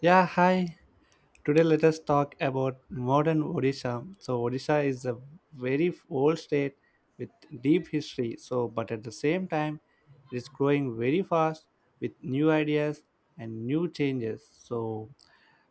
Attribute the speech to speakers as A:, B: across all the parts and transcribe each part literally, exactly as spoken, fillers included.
A: Yeah, hi. Today let us talk about modern Odisha. So Odisha is a very f- old state with deep history. So but at the same time it is growing very fast with new ideas and new changes. So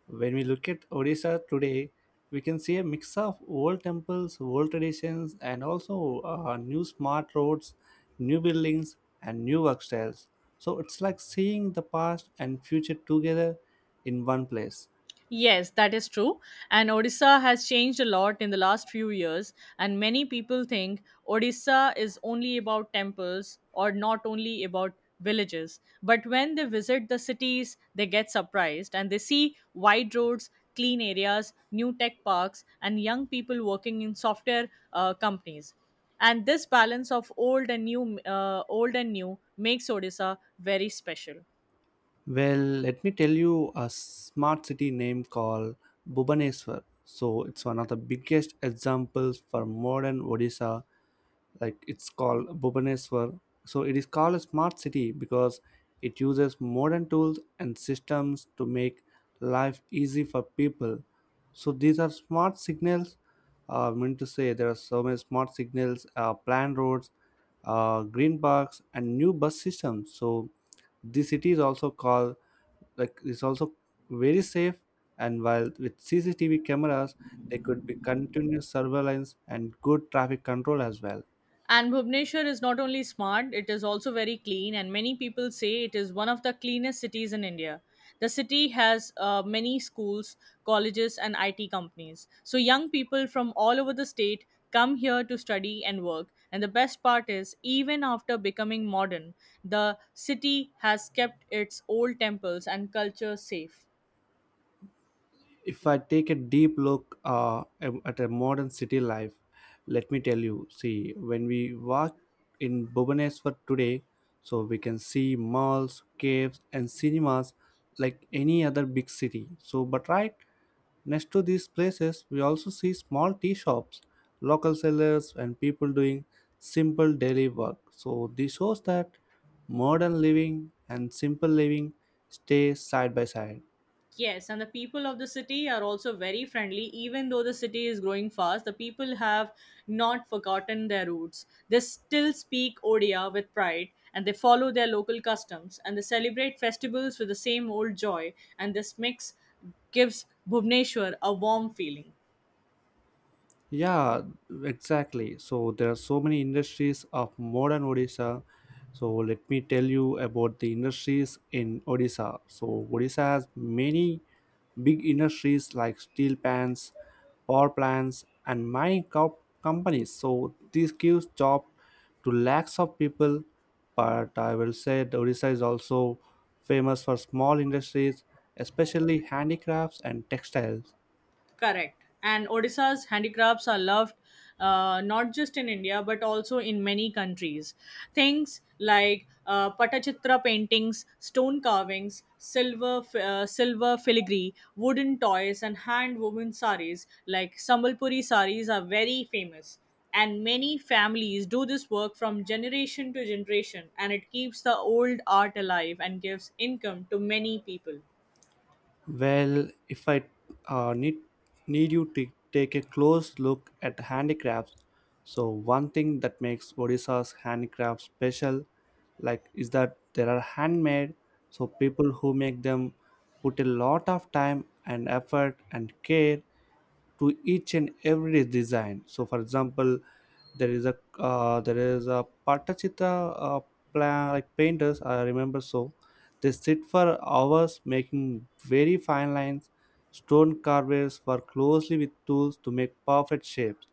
A: when we look at Odisha today, we can see a mix of old temples, old traditions, and also uh, new smart roads, new buildings, and new work styles. So it's like seeing the past and future together in one place.
B: Yes, that is true. And Odisha has changed a lot in the last few years. And many people think Odisha is only about temples or not only about villages. But when they visit the cities, they get surprised and they see wide roads, clean areas, new tech parks, and young people working in software uh, companies. And this balance of old and new, uh, old and new, makes Odisha very special.
A: Well, let me tell you a smart city name called Bhubaneswar. So it's one of the biggest examples for modern Odisha. Like it's called Bhubaneswar. So it is called a smart city because it uses modern tools and systems to make life easy for people. So these are smart signals uh, I mean to say there are so many smart signals, uh, planned roads, uh, green parks, and new bus systems. So the city is also called like is also very safe. And while with C C T V cameras, there could be continuous surveillance and good traffic control as well.
B: And Bhubaneswar is not only smart, it is also very clean, and many people say it is one of the cleanest cities in India. The city has uh, many schools, colleges, and I T companies. So, young people from all over the state come here to study and work. And the best part is, even after becoming modern, the city has kept its old temples and culture safe.
A: If I take a deep look uh, am- at a modern city life, let me tell you, see, when we walk in Bhubaneswar today, so we can see malls, caves, and cinemas like any other big city. So, but right next to these places, we also see small tea shops, local sellers, and people doing simple daily work. So, this shows that modern living and simple living stay side by side.
B: Yes, and the people of the city are also very friendly. Even though the city is growing fast, the people have not forgotten their roots. They still speak Odia with pride and they follow their local customs and they celebrate festivals with the same old joy. And this mix gives Bhubneshwar a warm feeling.
A: Yeah, exactly. So there are so many industries of modern Odisha. So let me tell you about the industries in Odisha. So Odisha has many big industries like steel plants, power plants, and mining co- companies. So this gives job to lakhs of people. But I will say that Odisha is also famous for small industries, especially handicrafts and textiles.
B: Correct. And Odisha's handicrafts are loved uh, not just in India but also in many countries. Things like uh, Patachitra paintings, stone carvings, silver f- uh, silver filigree, wooden toys, and hand woven saris like Sambalpuri saris are very famous. And many families do this work from generation to generation, and it keeps the old art alive and gives income to many people.
A: Well, if I uh, need need you to take a close look at handicrafts, so one thing that makes Odisha's handicrafts special, like, is that there are handmade. So people who make them put a lot of time and effort and care to each and every design. So for example, there is a uh, there is a patachita uh, plan, like painters, I remember. So they sit for hours making very fine lines. Stone carvers work closely with tools to make perfect shapes.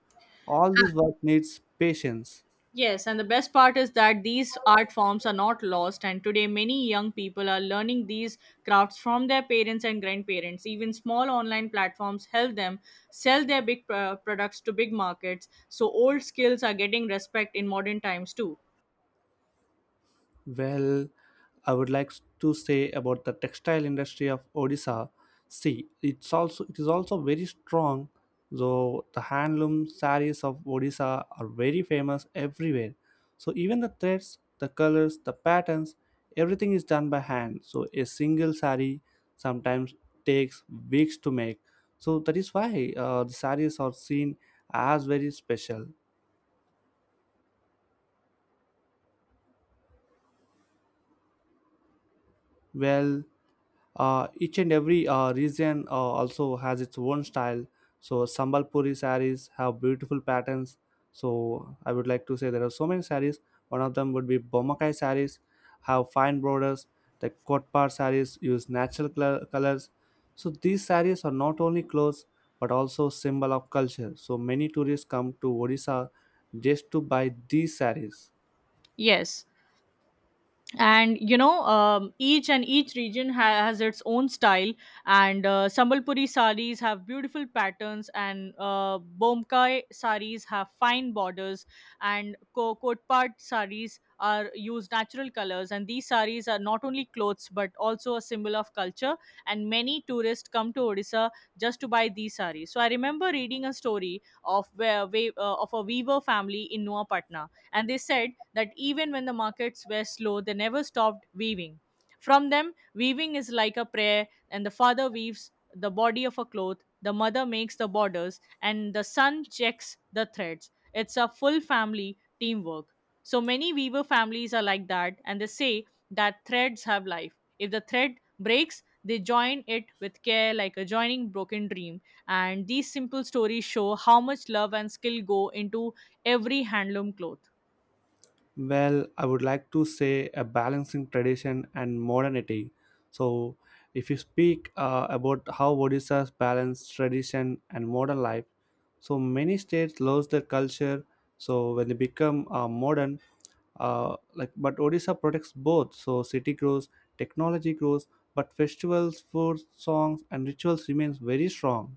A: All this work needs patience.
B: Yes, and the best part is that these art forms are not lost, and today many young people are learning these crafts from their parents and grandparents. Even small online platforms help them sell their big uh, products to big markets, so old skills are getting respect in modern times too.
A: Well, I would like to say about the textile industry of Odisha. See, it's also it is also very strong. Though the handloom sarees of Odisha are very famous everywhere. So even the threads, the colors, the patterns, everything is done by hand. So a single saree sometimes takes weeks to make. So that is why uh, the sarees are seen as very special. Well, Uh, each and every uh, region uh, also has its own style. So Sambalpuri saris have beautiful patterns. So I would like to say there are so many saris. One of them would be Bomakai saris, have fine borders. The Kotpar saris use natural cl- colors. So these saris are not only clothes but also symbol of culture. So many tourists come to Odisha just to buy these saris.
B: Yes. and you know um, each and each region ha- has its own style and uh, sambalpuri saris have beautiful patterns and uh, bomkai saris have fine borders and ko- kotpat saris are use natural colors and these saris are not only clothes but also a symbol of culture and many tourists come to odisha just to buy these saris. So I remember reading a story of where, where uh, of a weaver family in noah, and they said that even when the markets were slow, they never stopped weaving. From them, weaving is like a prayer, and the father weaves the body of a cloth, the mother makes the borders, and the son checks the threads. It's a full family teamwork. So many weaver families are like that, and they say that threads have life. If the thread breaks, they join it with care like a joining broken dream. And these simple stories show how much love and skill go into every handloom cloth.
A: Well, I would like to say a balancing tradition and modernity. So, if you speak uh, about how Odisha's balance tradition and modern life, so many states lose their culture. So when they become uh, modern, uh, like but Odisha protects both. So city grows, technology grows, but festivals, food, songs, and rituals remains very strong.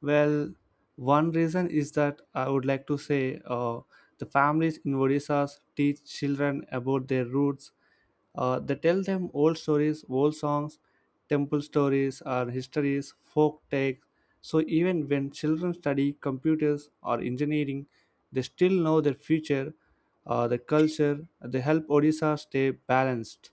A: Well, one reason is that I would like to say, uh, the families in Odisha teach children about their roots. Uh, they tell them old stories, old songs, temple stories, or histories, folk tales. So even when children study computers or engineering, they still know their future, uh, their culture. They help Odisha stay balanced.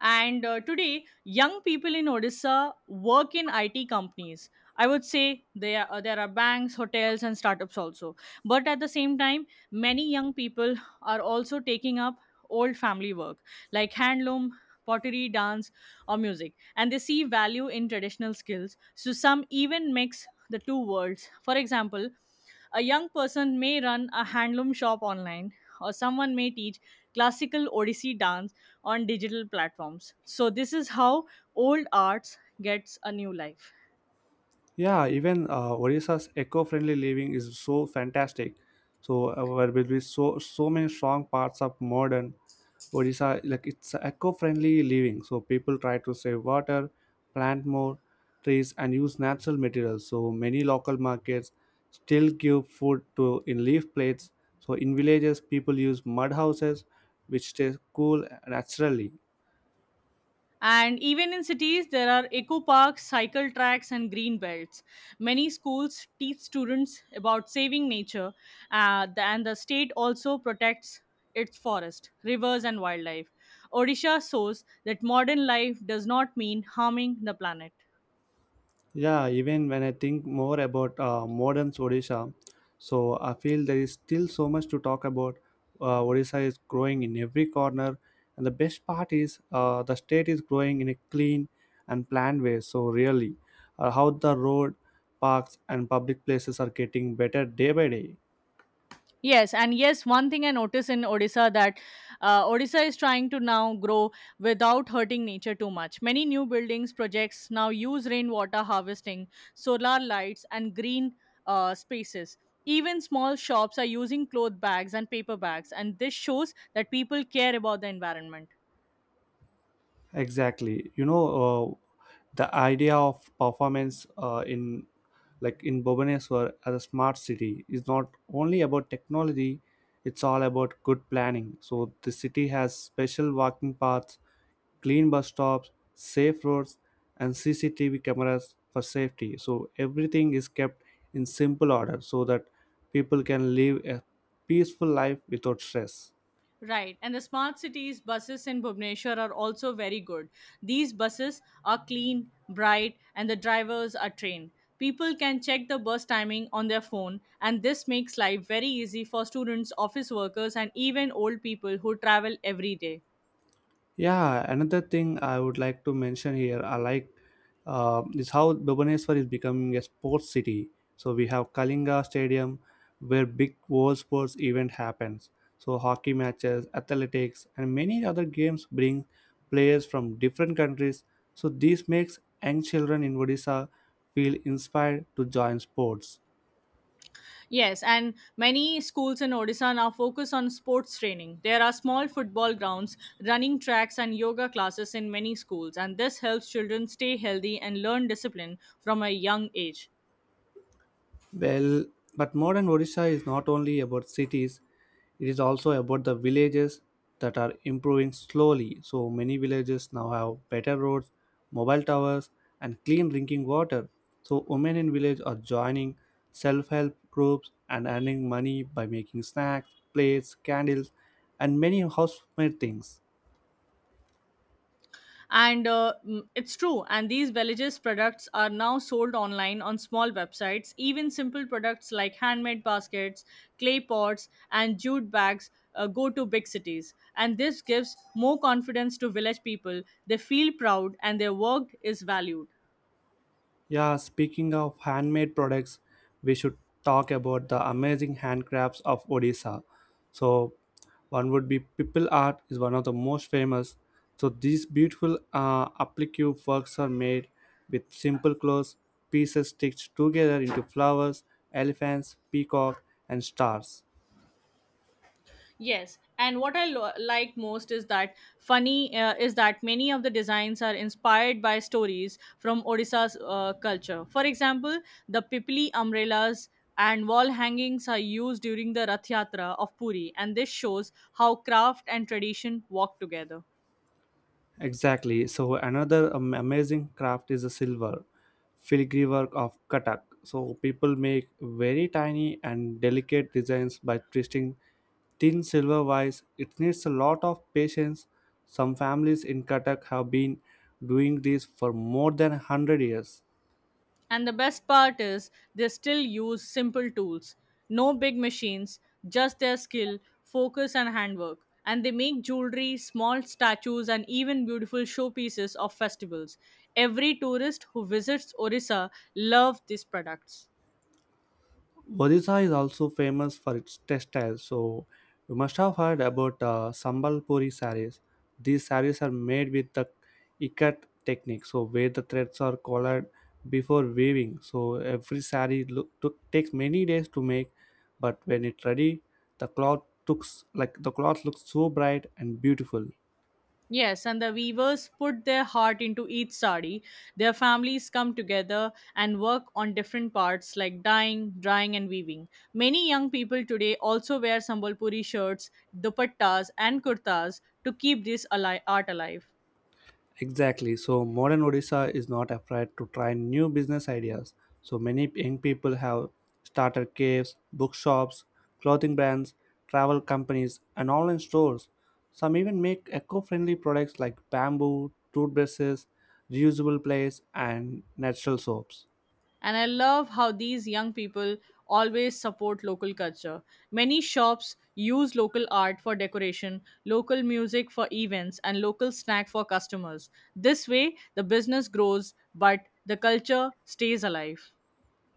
B: And uh, today, young people in Odisha work in I T companies. I would say there are, uh, there are banks, hotels, and startups also. But at the same time, many young people are also taking up old family work like handloom, pottery, dance, or music. And they see value in traditional skills. So some even mix the two worlds. For example, a young person may run a handloom shop online, or someone may teach classical Odissi dance on digital platforms. So this is how old arts gets a new life.
A: Yeah, even uh, Odisha's eco-friendly living is so fantastic. So uh, there will be so so many strong parts of modern Odisha. Like it's eco-friendly living. So people try to save water, plant more trees, and use natural materials. So many local markets still give food to in leaf plates. So in villages, people use mud houses, which stay cool naturally.
B: And even in cities, there are eco parks, cycle tracks, and green belts. Many schools teach students about saving nature, uh, the- and the state also protects its forest, rivers, and wildlife. Odisha shows that modern life does not mean harming the planet.
A: Yeah, even when I think more about uh, modern Odisha, so I feel there is still so much to talk about. Uh, Odisha is growing in every corner, and the best part is, uh, the state is growing in a clean and planned way. So, really, uh, how the road, parks, and public places are getting better day by day.
B: Yes, and yes, one thing I notice in Odisha that uh, Odisha is trying to now grow without hurting nature too much. Many new buildings projects now use rainwater harvesting, solar lights, and green uh, spaces. Even small shops are using cloth bags and paper bags, and this shows that people care about the environment.
A: Exactly. You know, uh, the idea of performance uh, in like in Bhubaneswar as a smart city is not only about technology, it's all about good planning. So the city has special walking paths, clean bus stops, safe roads, and C C T V cameras for safety. So everything is kept in simple order so that people can live a peaceful life without stress.
B: Right, and the smart cities buses in Bhubaneswar are also very good. These buses are clean, bright, and the drivers are trained. People can check the bus timing on their phone, and this makes life very easy for students, office workers, and even old people who travel every day.
A: Yeah, another thing I would like to mention here, I like, uh, is how Bhubaneswar is becoming a sports city. So we have Kalinga Stadium, where big world sports event happens. So hockey matches, athletics, and many other games bring players from different countries. So this makes young children in Odisha feel inspired to join sports.
B: Yes, and many schools in Odisha now focus on sports training. There are small football grounds, running tracks, and yoga classes in many schools, and this helps children stay healthy and learn discipline from a young age.
A: Well, but modern Odisha is not only about cities, it is also about the villages that are improving slowly. So many villages now have better roads, mobile towers, and clean drinking water. So women in village are joining self-help groups and earning money by making snacks, plates, candles, and many housemade things.
B: and uh, mm, it's true, and these villages products are now sold online on small websites. Even simple products like handmade baskets, clay pots, and jute bags uh, go to big cities, and this gives more confidence to village people. They feel proud and their work is valued.
A: Yeah, speaking of handmade products, we should talk about the amazing handcrafts of Odisha. So, one would be pipil art is one of the most famous. So, these beautiful uh, applique works are made with simple clothes pieces stitched together into flowers, elephants, peacock, and stars.
B: Yes, and what I lo- like most is that funny uh, is that many of the designs are inspired by stories from Odisha's uh, culture. For example, the pipli umbrellas and wall hangings are used during the Rath Yatra of Puri, and this shows how craft and tradition walk together.
A: Exactly. So another um, amazing craft is the silver filigree work of Katak. So people make very tiny and delicate designs by twisting thin silver wires. It needs a lot of patience. Some families in Katak have been doing this for more than one hundred years.
B: And the best part is they still use simple tools, no big machines, just their skill, focus, and handwork. And they make jewelry, small statues, and even beautiful showpieces of festivals. Every tourist who visits Orissa loves these products.
A: Odisha is also famous for its textiles, so you must have heard about uh, Sambalpuri sarees. These sarees are made with the ikat technique, so where the threads are colored before weaving. So every saree look, took takes many days to make, but when it's ready, the cloth looks like the cloth looks so bright and beautiful.
B: Yes, and the weavers put their heart into each sari. Their families come together and work on different parts like dyeing, drying, and weaving. Many young people today also wear Sambalpuri shirts, dupattas, and kurtas to keep this ali- art alive.
A: Exactly. So modern Odisha is not afraid to try new business ideas. So many young people have started caves, bookshops, clothing brands, travel companies, and online stores. Some even make eco-friendly products like bamboo, toothbrushes, reusable plates, and natural soaps.
B: And I love how these young people always support local culture. Many shops use local art for decoration, local music for events, and local snack for customers. This way, the business grows, but the culture stays alive.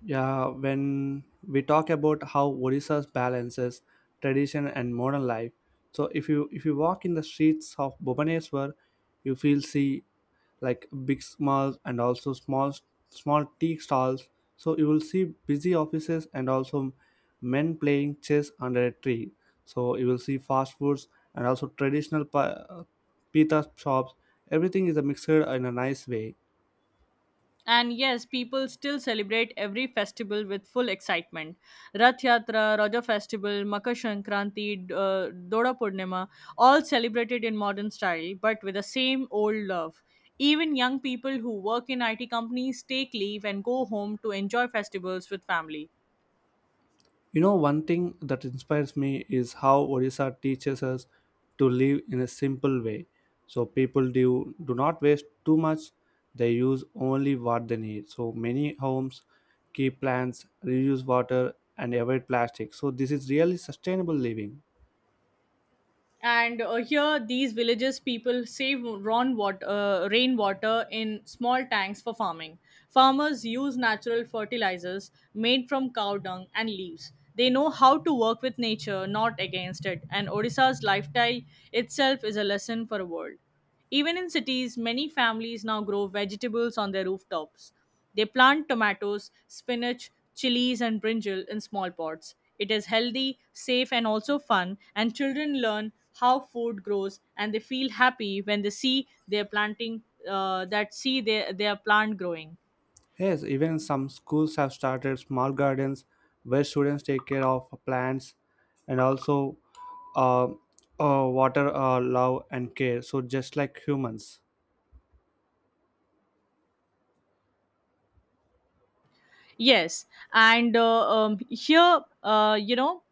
A: Yeah, when we talk about how Odisha balances tradition and modern life, so if you if you walk in the streets of Bhubaneswar, you feel see like big malls and also small small tea stalls. So you will see busy offices and also men playing chess under a tree. So you will see fast foods and also traditional pa- uh, pita shops. Everything is a mixer in a nice way.
B: And yes, people still celebrate every festival with full excitement. Rath Yatra, Raja Festival, Makar Sankranti, D- uh, Doda Purnima, all celebrated in modern style but with the same old love. Even young people who work in I T companies take leave and go home to enjoy festivals with family.
A: You know, one thing that inspires me is how Odisha teaches us to live in a simple way. So people do do not waste too much; they use only what they need. So many homes keep plants, reuse water, and avoid plastic. So this is really sustainable living.
B: and uh, here these villages people save rawn water, uh, rainwater in small tanks for farming. Farmers use natural fertilizers made from cow dung and leaves. They know how to work with nature, not against it, and odisha's lifestyle itself is a lesson for the world. Even in cities, many families now grow vegetables on their rooftops. They plant tomatoes, spinach, chilies, and brinjal in small pots. It is healthy, safe, and also fun, and children learn how food grows and they feel happy when they see their planting uh, that see their, their plant growing.
A: Yes, even some schools have started small gardens where students take care of plants and also uh, uh, water uh, love and care. So just like humans.
B: Yes and uh, um, here uh, you know,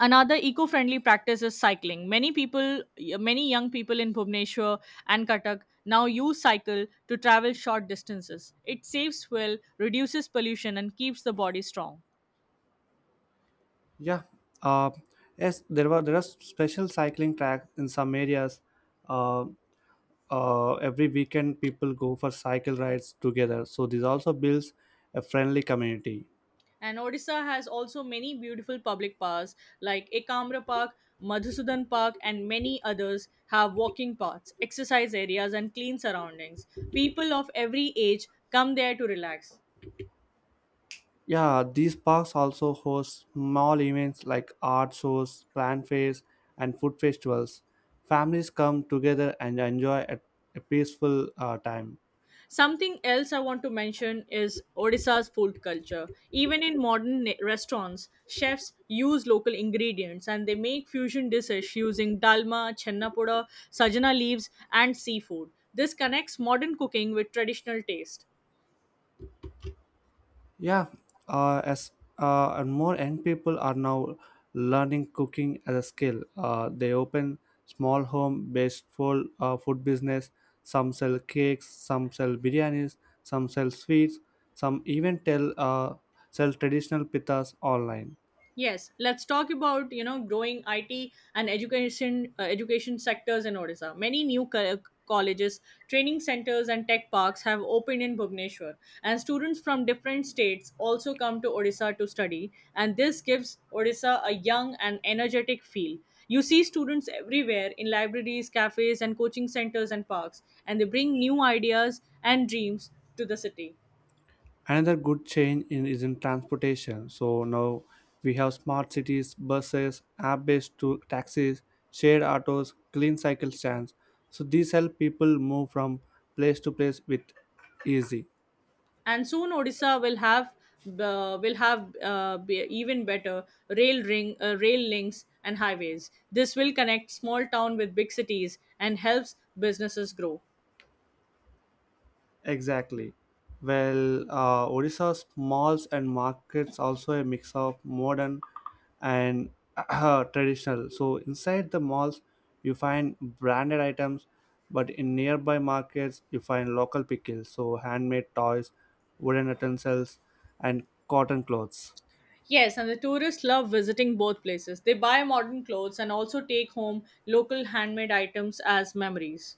B: another eco-friendly practice is cycling. Many people, many young people in bhubaneswar and katak now use cycle to travel short distances. It saves fuel, reduces pollution, and keeps the body strong.
A: Yeah. Uh, yes, there were there are special cycling tracks in some areas. Uh, uh, every weekend, people go for cycle rides together. So this also builds a friendly community.
B: And odisha has also many beautiful public parks like ekamra park, madhusudan park, and many others have walking paths, exercise areas, and clean surroundings. People of every age come there to relax.
A: Yeah, these parks also host small events like art shows, plant fairs, and food festivals. Families come together and enjoy a, a peaceful uh, time.
B: Something else I want to mention is Odisha's food culture. Even in modern ne- restaurants, chefs use local ingredients and they make fusion dishes using dalma, chennapoda, sajana leaves, and seafood. This connects modern cooking with traditional taste.
A: Yeah, uh, as uh, and more young people are now learning cooking as a skill. Uh, they open small home-based full, uh, food business. Some sell cakes, some sell biryanis, some sell sweets, some even tell uh, sell traditional pitas online.
B: Yes, let's talk about you know growing I T and education uh, education sectors in Odisha. Many new co- colleges, training centers, and tech parks have opened in Bhubaneswar, and students from different states also come to Odisha to study. And this gives Odisha a young and energetic feel. You see students everywhere in libraries, cafes, and coaching centers and parks, and they bring new ideas and dreams to the city.
A: Another good change in, is in transportation. So now we have smart cities, buses, app-based to taxis, shared autos, clean cycle stands. So these help people move from place to place with easy.
B: And soon Odisha will have uh, will have uh, be even better rail ring uh, rail links and highways. This will connect small town with big cities and helps businesses grow.
A: Exactly. Well, uh, Odisha's malls and markets also a mix of modern and traditional. So inside the malls, you find branded items, but in nearby markets, you find local pickles, so handmade toys, wooden utensils, and cotton clothes.
B: Yes, and the tourists love visiting both places. They buy modern clothes and also take home local handmade items as memories.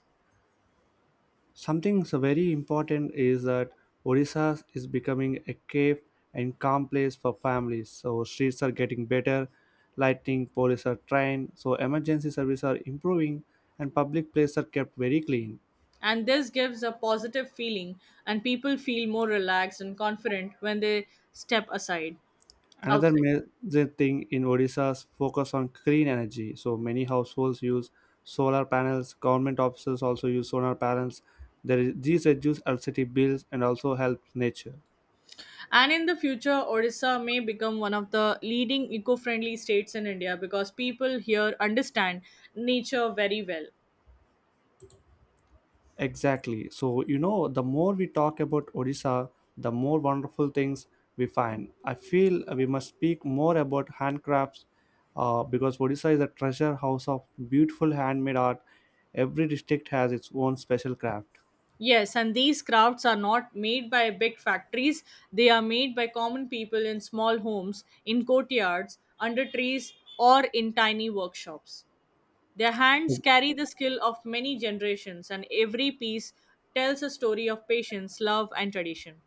A: Something so very important is that Odisha is becoming a safe and calm place for families. So streets are getting better, lighting, police are trained, so emergency services are improving, and public places are kept very clean.
B: And this gives a positive feeling, and people feel more relaxed and confident when they step aside
A: Another
B: outside.
A: major thing in Odisha's focus on clean energy. So many households use solar panels. Government offices also use solar panels. There is, these reduce electricity bills and also help nature.
B: And in the future, Odisha may become one of the leading eco friendly states in India because people here understand nature very well.
A: Exactly. So, you know, the more we talk about Odisha, the more wonderful things we find. I feel we must speak more about handcrafts uh, because Odisha is a treasure house of beautiful handmade art. Every district has its own special craft.
B: Yes, and these crafts are not made by big factories, they are made by common people in small homes, in courtyards, under trees, or in tiny workshops. Their hands carry the skill of many generations, and every piece tells a story of patience, love, and tradition.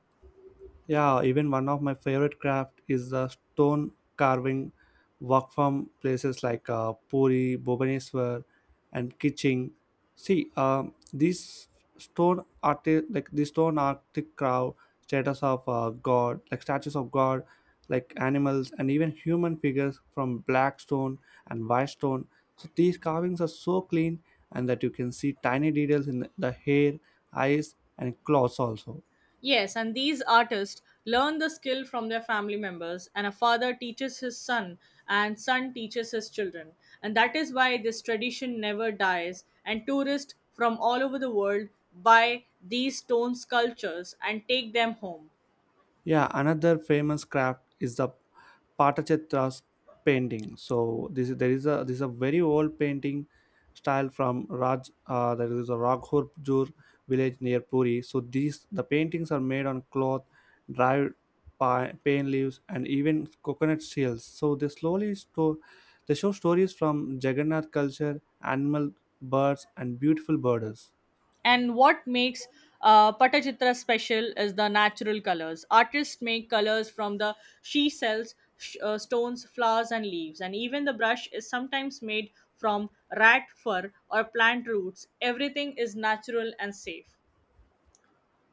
A: Yeah, even one of my favorite craft is the stone carving work from places like uh, Puri, Bhubaneswar, and Kiching. See, um, these stone art, like these stone artistic craft, status of uh, God, like statues of God, like animals, and even human figures from black stone and white stone. So these carvings are so clean, and that you can see tiny details in the the hair, eyes, and claws also.
B: Yes, and these artists learn the skill from their family members, and a father teaches his son, and son teaches his children. And that is why this tradition never dies, and tourists from all over the world buy these stone sculptures and take them home.
A: Yeah, another famous craft is the Patachetra's painting. So this is there is a this is a very old painting style from Raj. Uh, there is a Raghurpur village near Puri. So these the paintings are made on cloth, dried pi- pine leaves, and even coconut shells. So they slowly sto- they show stories from Jagannath culture, animal, birds, and beautiful borders.
B: And what makes uh, Patachitra special is the natural colors. Artists make colors from the she cells, sh- uh, stones, flowers, and leaves. And even the brush is sometimes made from rat fur or plant roots. Everything is natural and safe.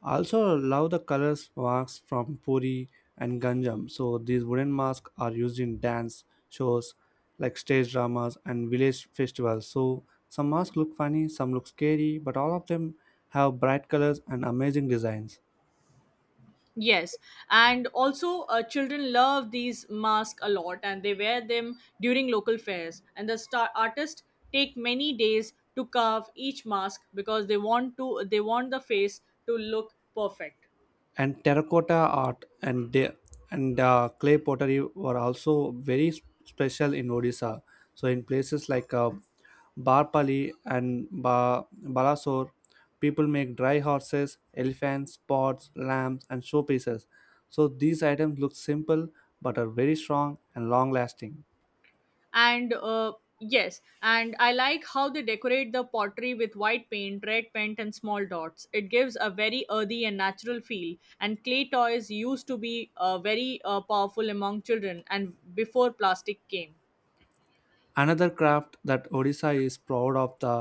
A: I also love the colors masks from Puri and Ganjam. So these wooden masks are used in dance shows like stage dramas and village festivals. So some masks look funny, some look scary, but all of them have bright colors and amazing designs.
B: Yes, and also uh, children love these masks a lot, and they wear them during local fairs. And the star artists take many days to carve each mask because they want to they want the face to look perfect.
A: And terracotta art and the- and uh, clay pottery were also very s- special in Odisha. So in places like uh, Barpali and ba- Balasore, people make dry horses, elephants, pots, lamps, and showpieces. So these items look simple but are very strong and long lasting.
B: And uh, yes, and I like how they decorate the pottery with white paint, red paint, and small dots. It gives a very earthy and natural feel. And clay toys used to be uh, very uh, powerful among children, and before plastic came.
A: Another craft that Odisha is proud of the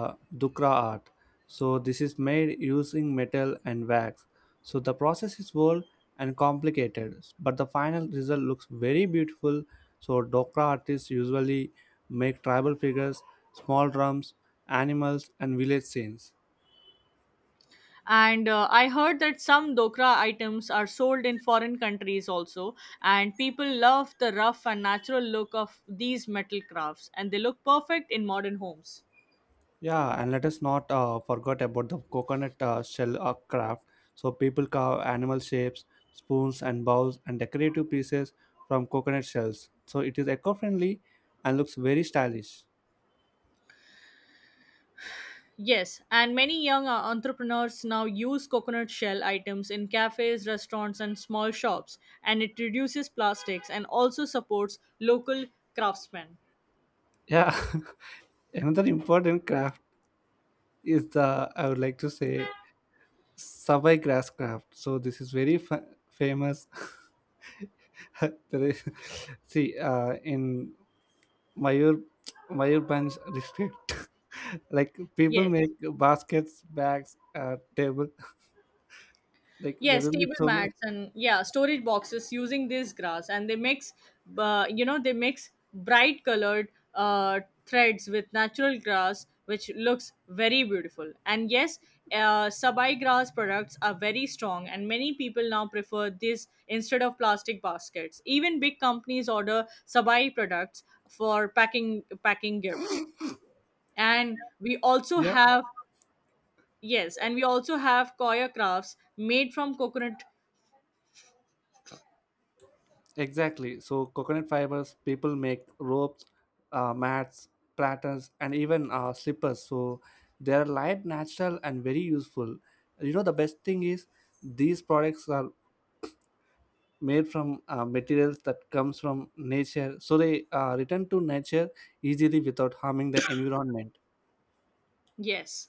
A: dukra art. So this is made using metal and wax. So the process is bold and complicated, but the final result looks very beautiful. So dukra artists usually make tribal figures, small drums, animals, and village scenes.
B: and uh, I heard that some dokra items are sold in foreign countries also, and people love the rough and natural look of these metal crafts, and they look perfect in modern homes.
A: Yeah, and let us not uh, forget about the coconut uh, shell uh, craft. So people carve animal shapes, spoons and bowls and decorative pieces from coconut shells. So it is eco-friendly and looks very stylish.
B: Yes, and many young uh, entrepreneurs now use coconut shell items in cafes, restaurants, and small shops, and it reduces plastics and also supports local craftsmen.
A: Yeah, another important craft is the I would like to say Savai grass craft. So this is very fa- famous. There is, see, uh, in Mayur Mayurbank district. Like people
B: Yes.
A: make baskets, bags, uh, table. Like there
B: Yes,
A: will be
B: table
A: so many.
B: mats and yeah, storage boxes using this grass, and they mix, uh, you know, they mix bright colored uh, threads with natural grass, which looks very beautiful. And yes, uh, sabai grass products are very strong, and many people now prefer this instead of plastic baskets. Even big companies order sabai products for packing packing gifts. And we also
A: Yeah,
B: have Yes, and we also have koya crafts made from coconut
A: exactly. So coconut fibers. People make ropes, uh, mats, platters, and even uh, slippers. So they are light, natural, and very useful. You know the best thing is these products are made from uh, materials that comes from nature, so they uh, return to nature easily without harming the environment
B: Yes.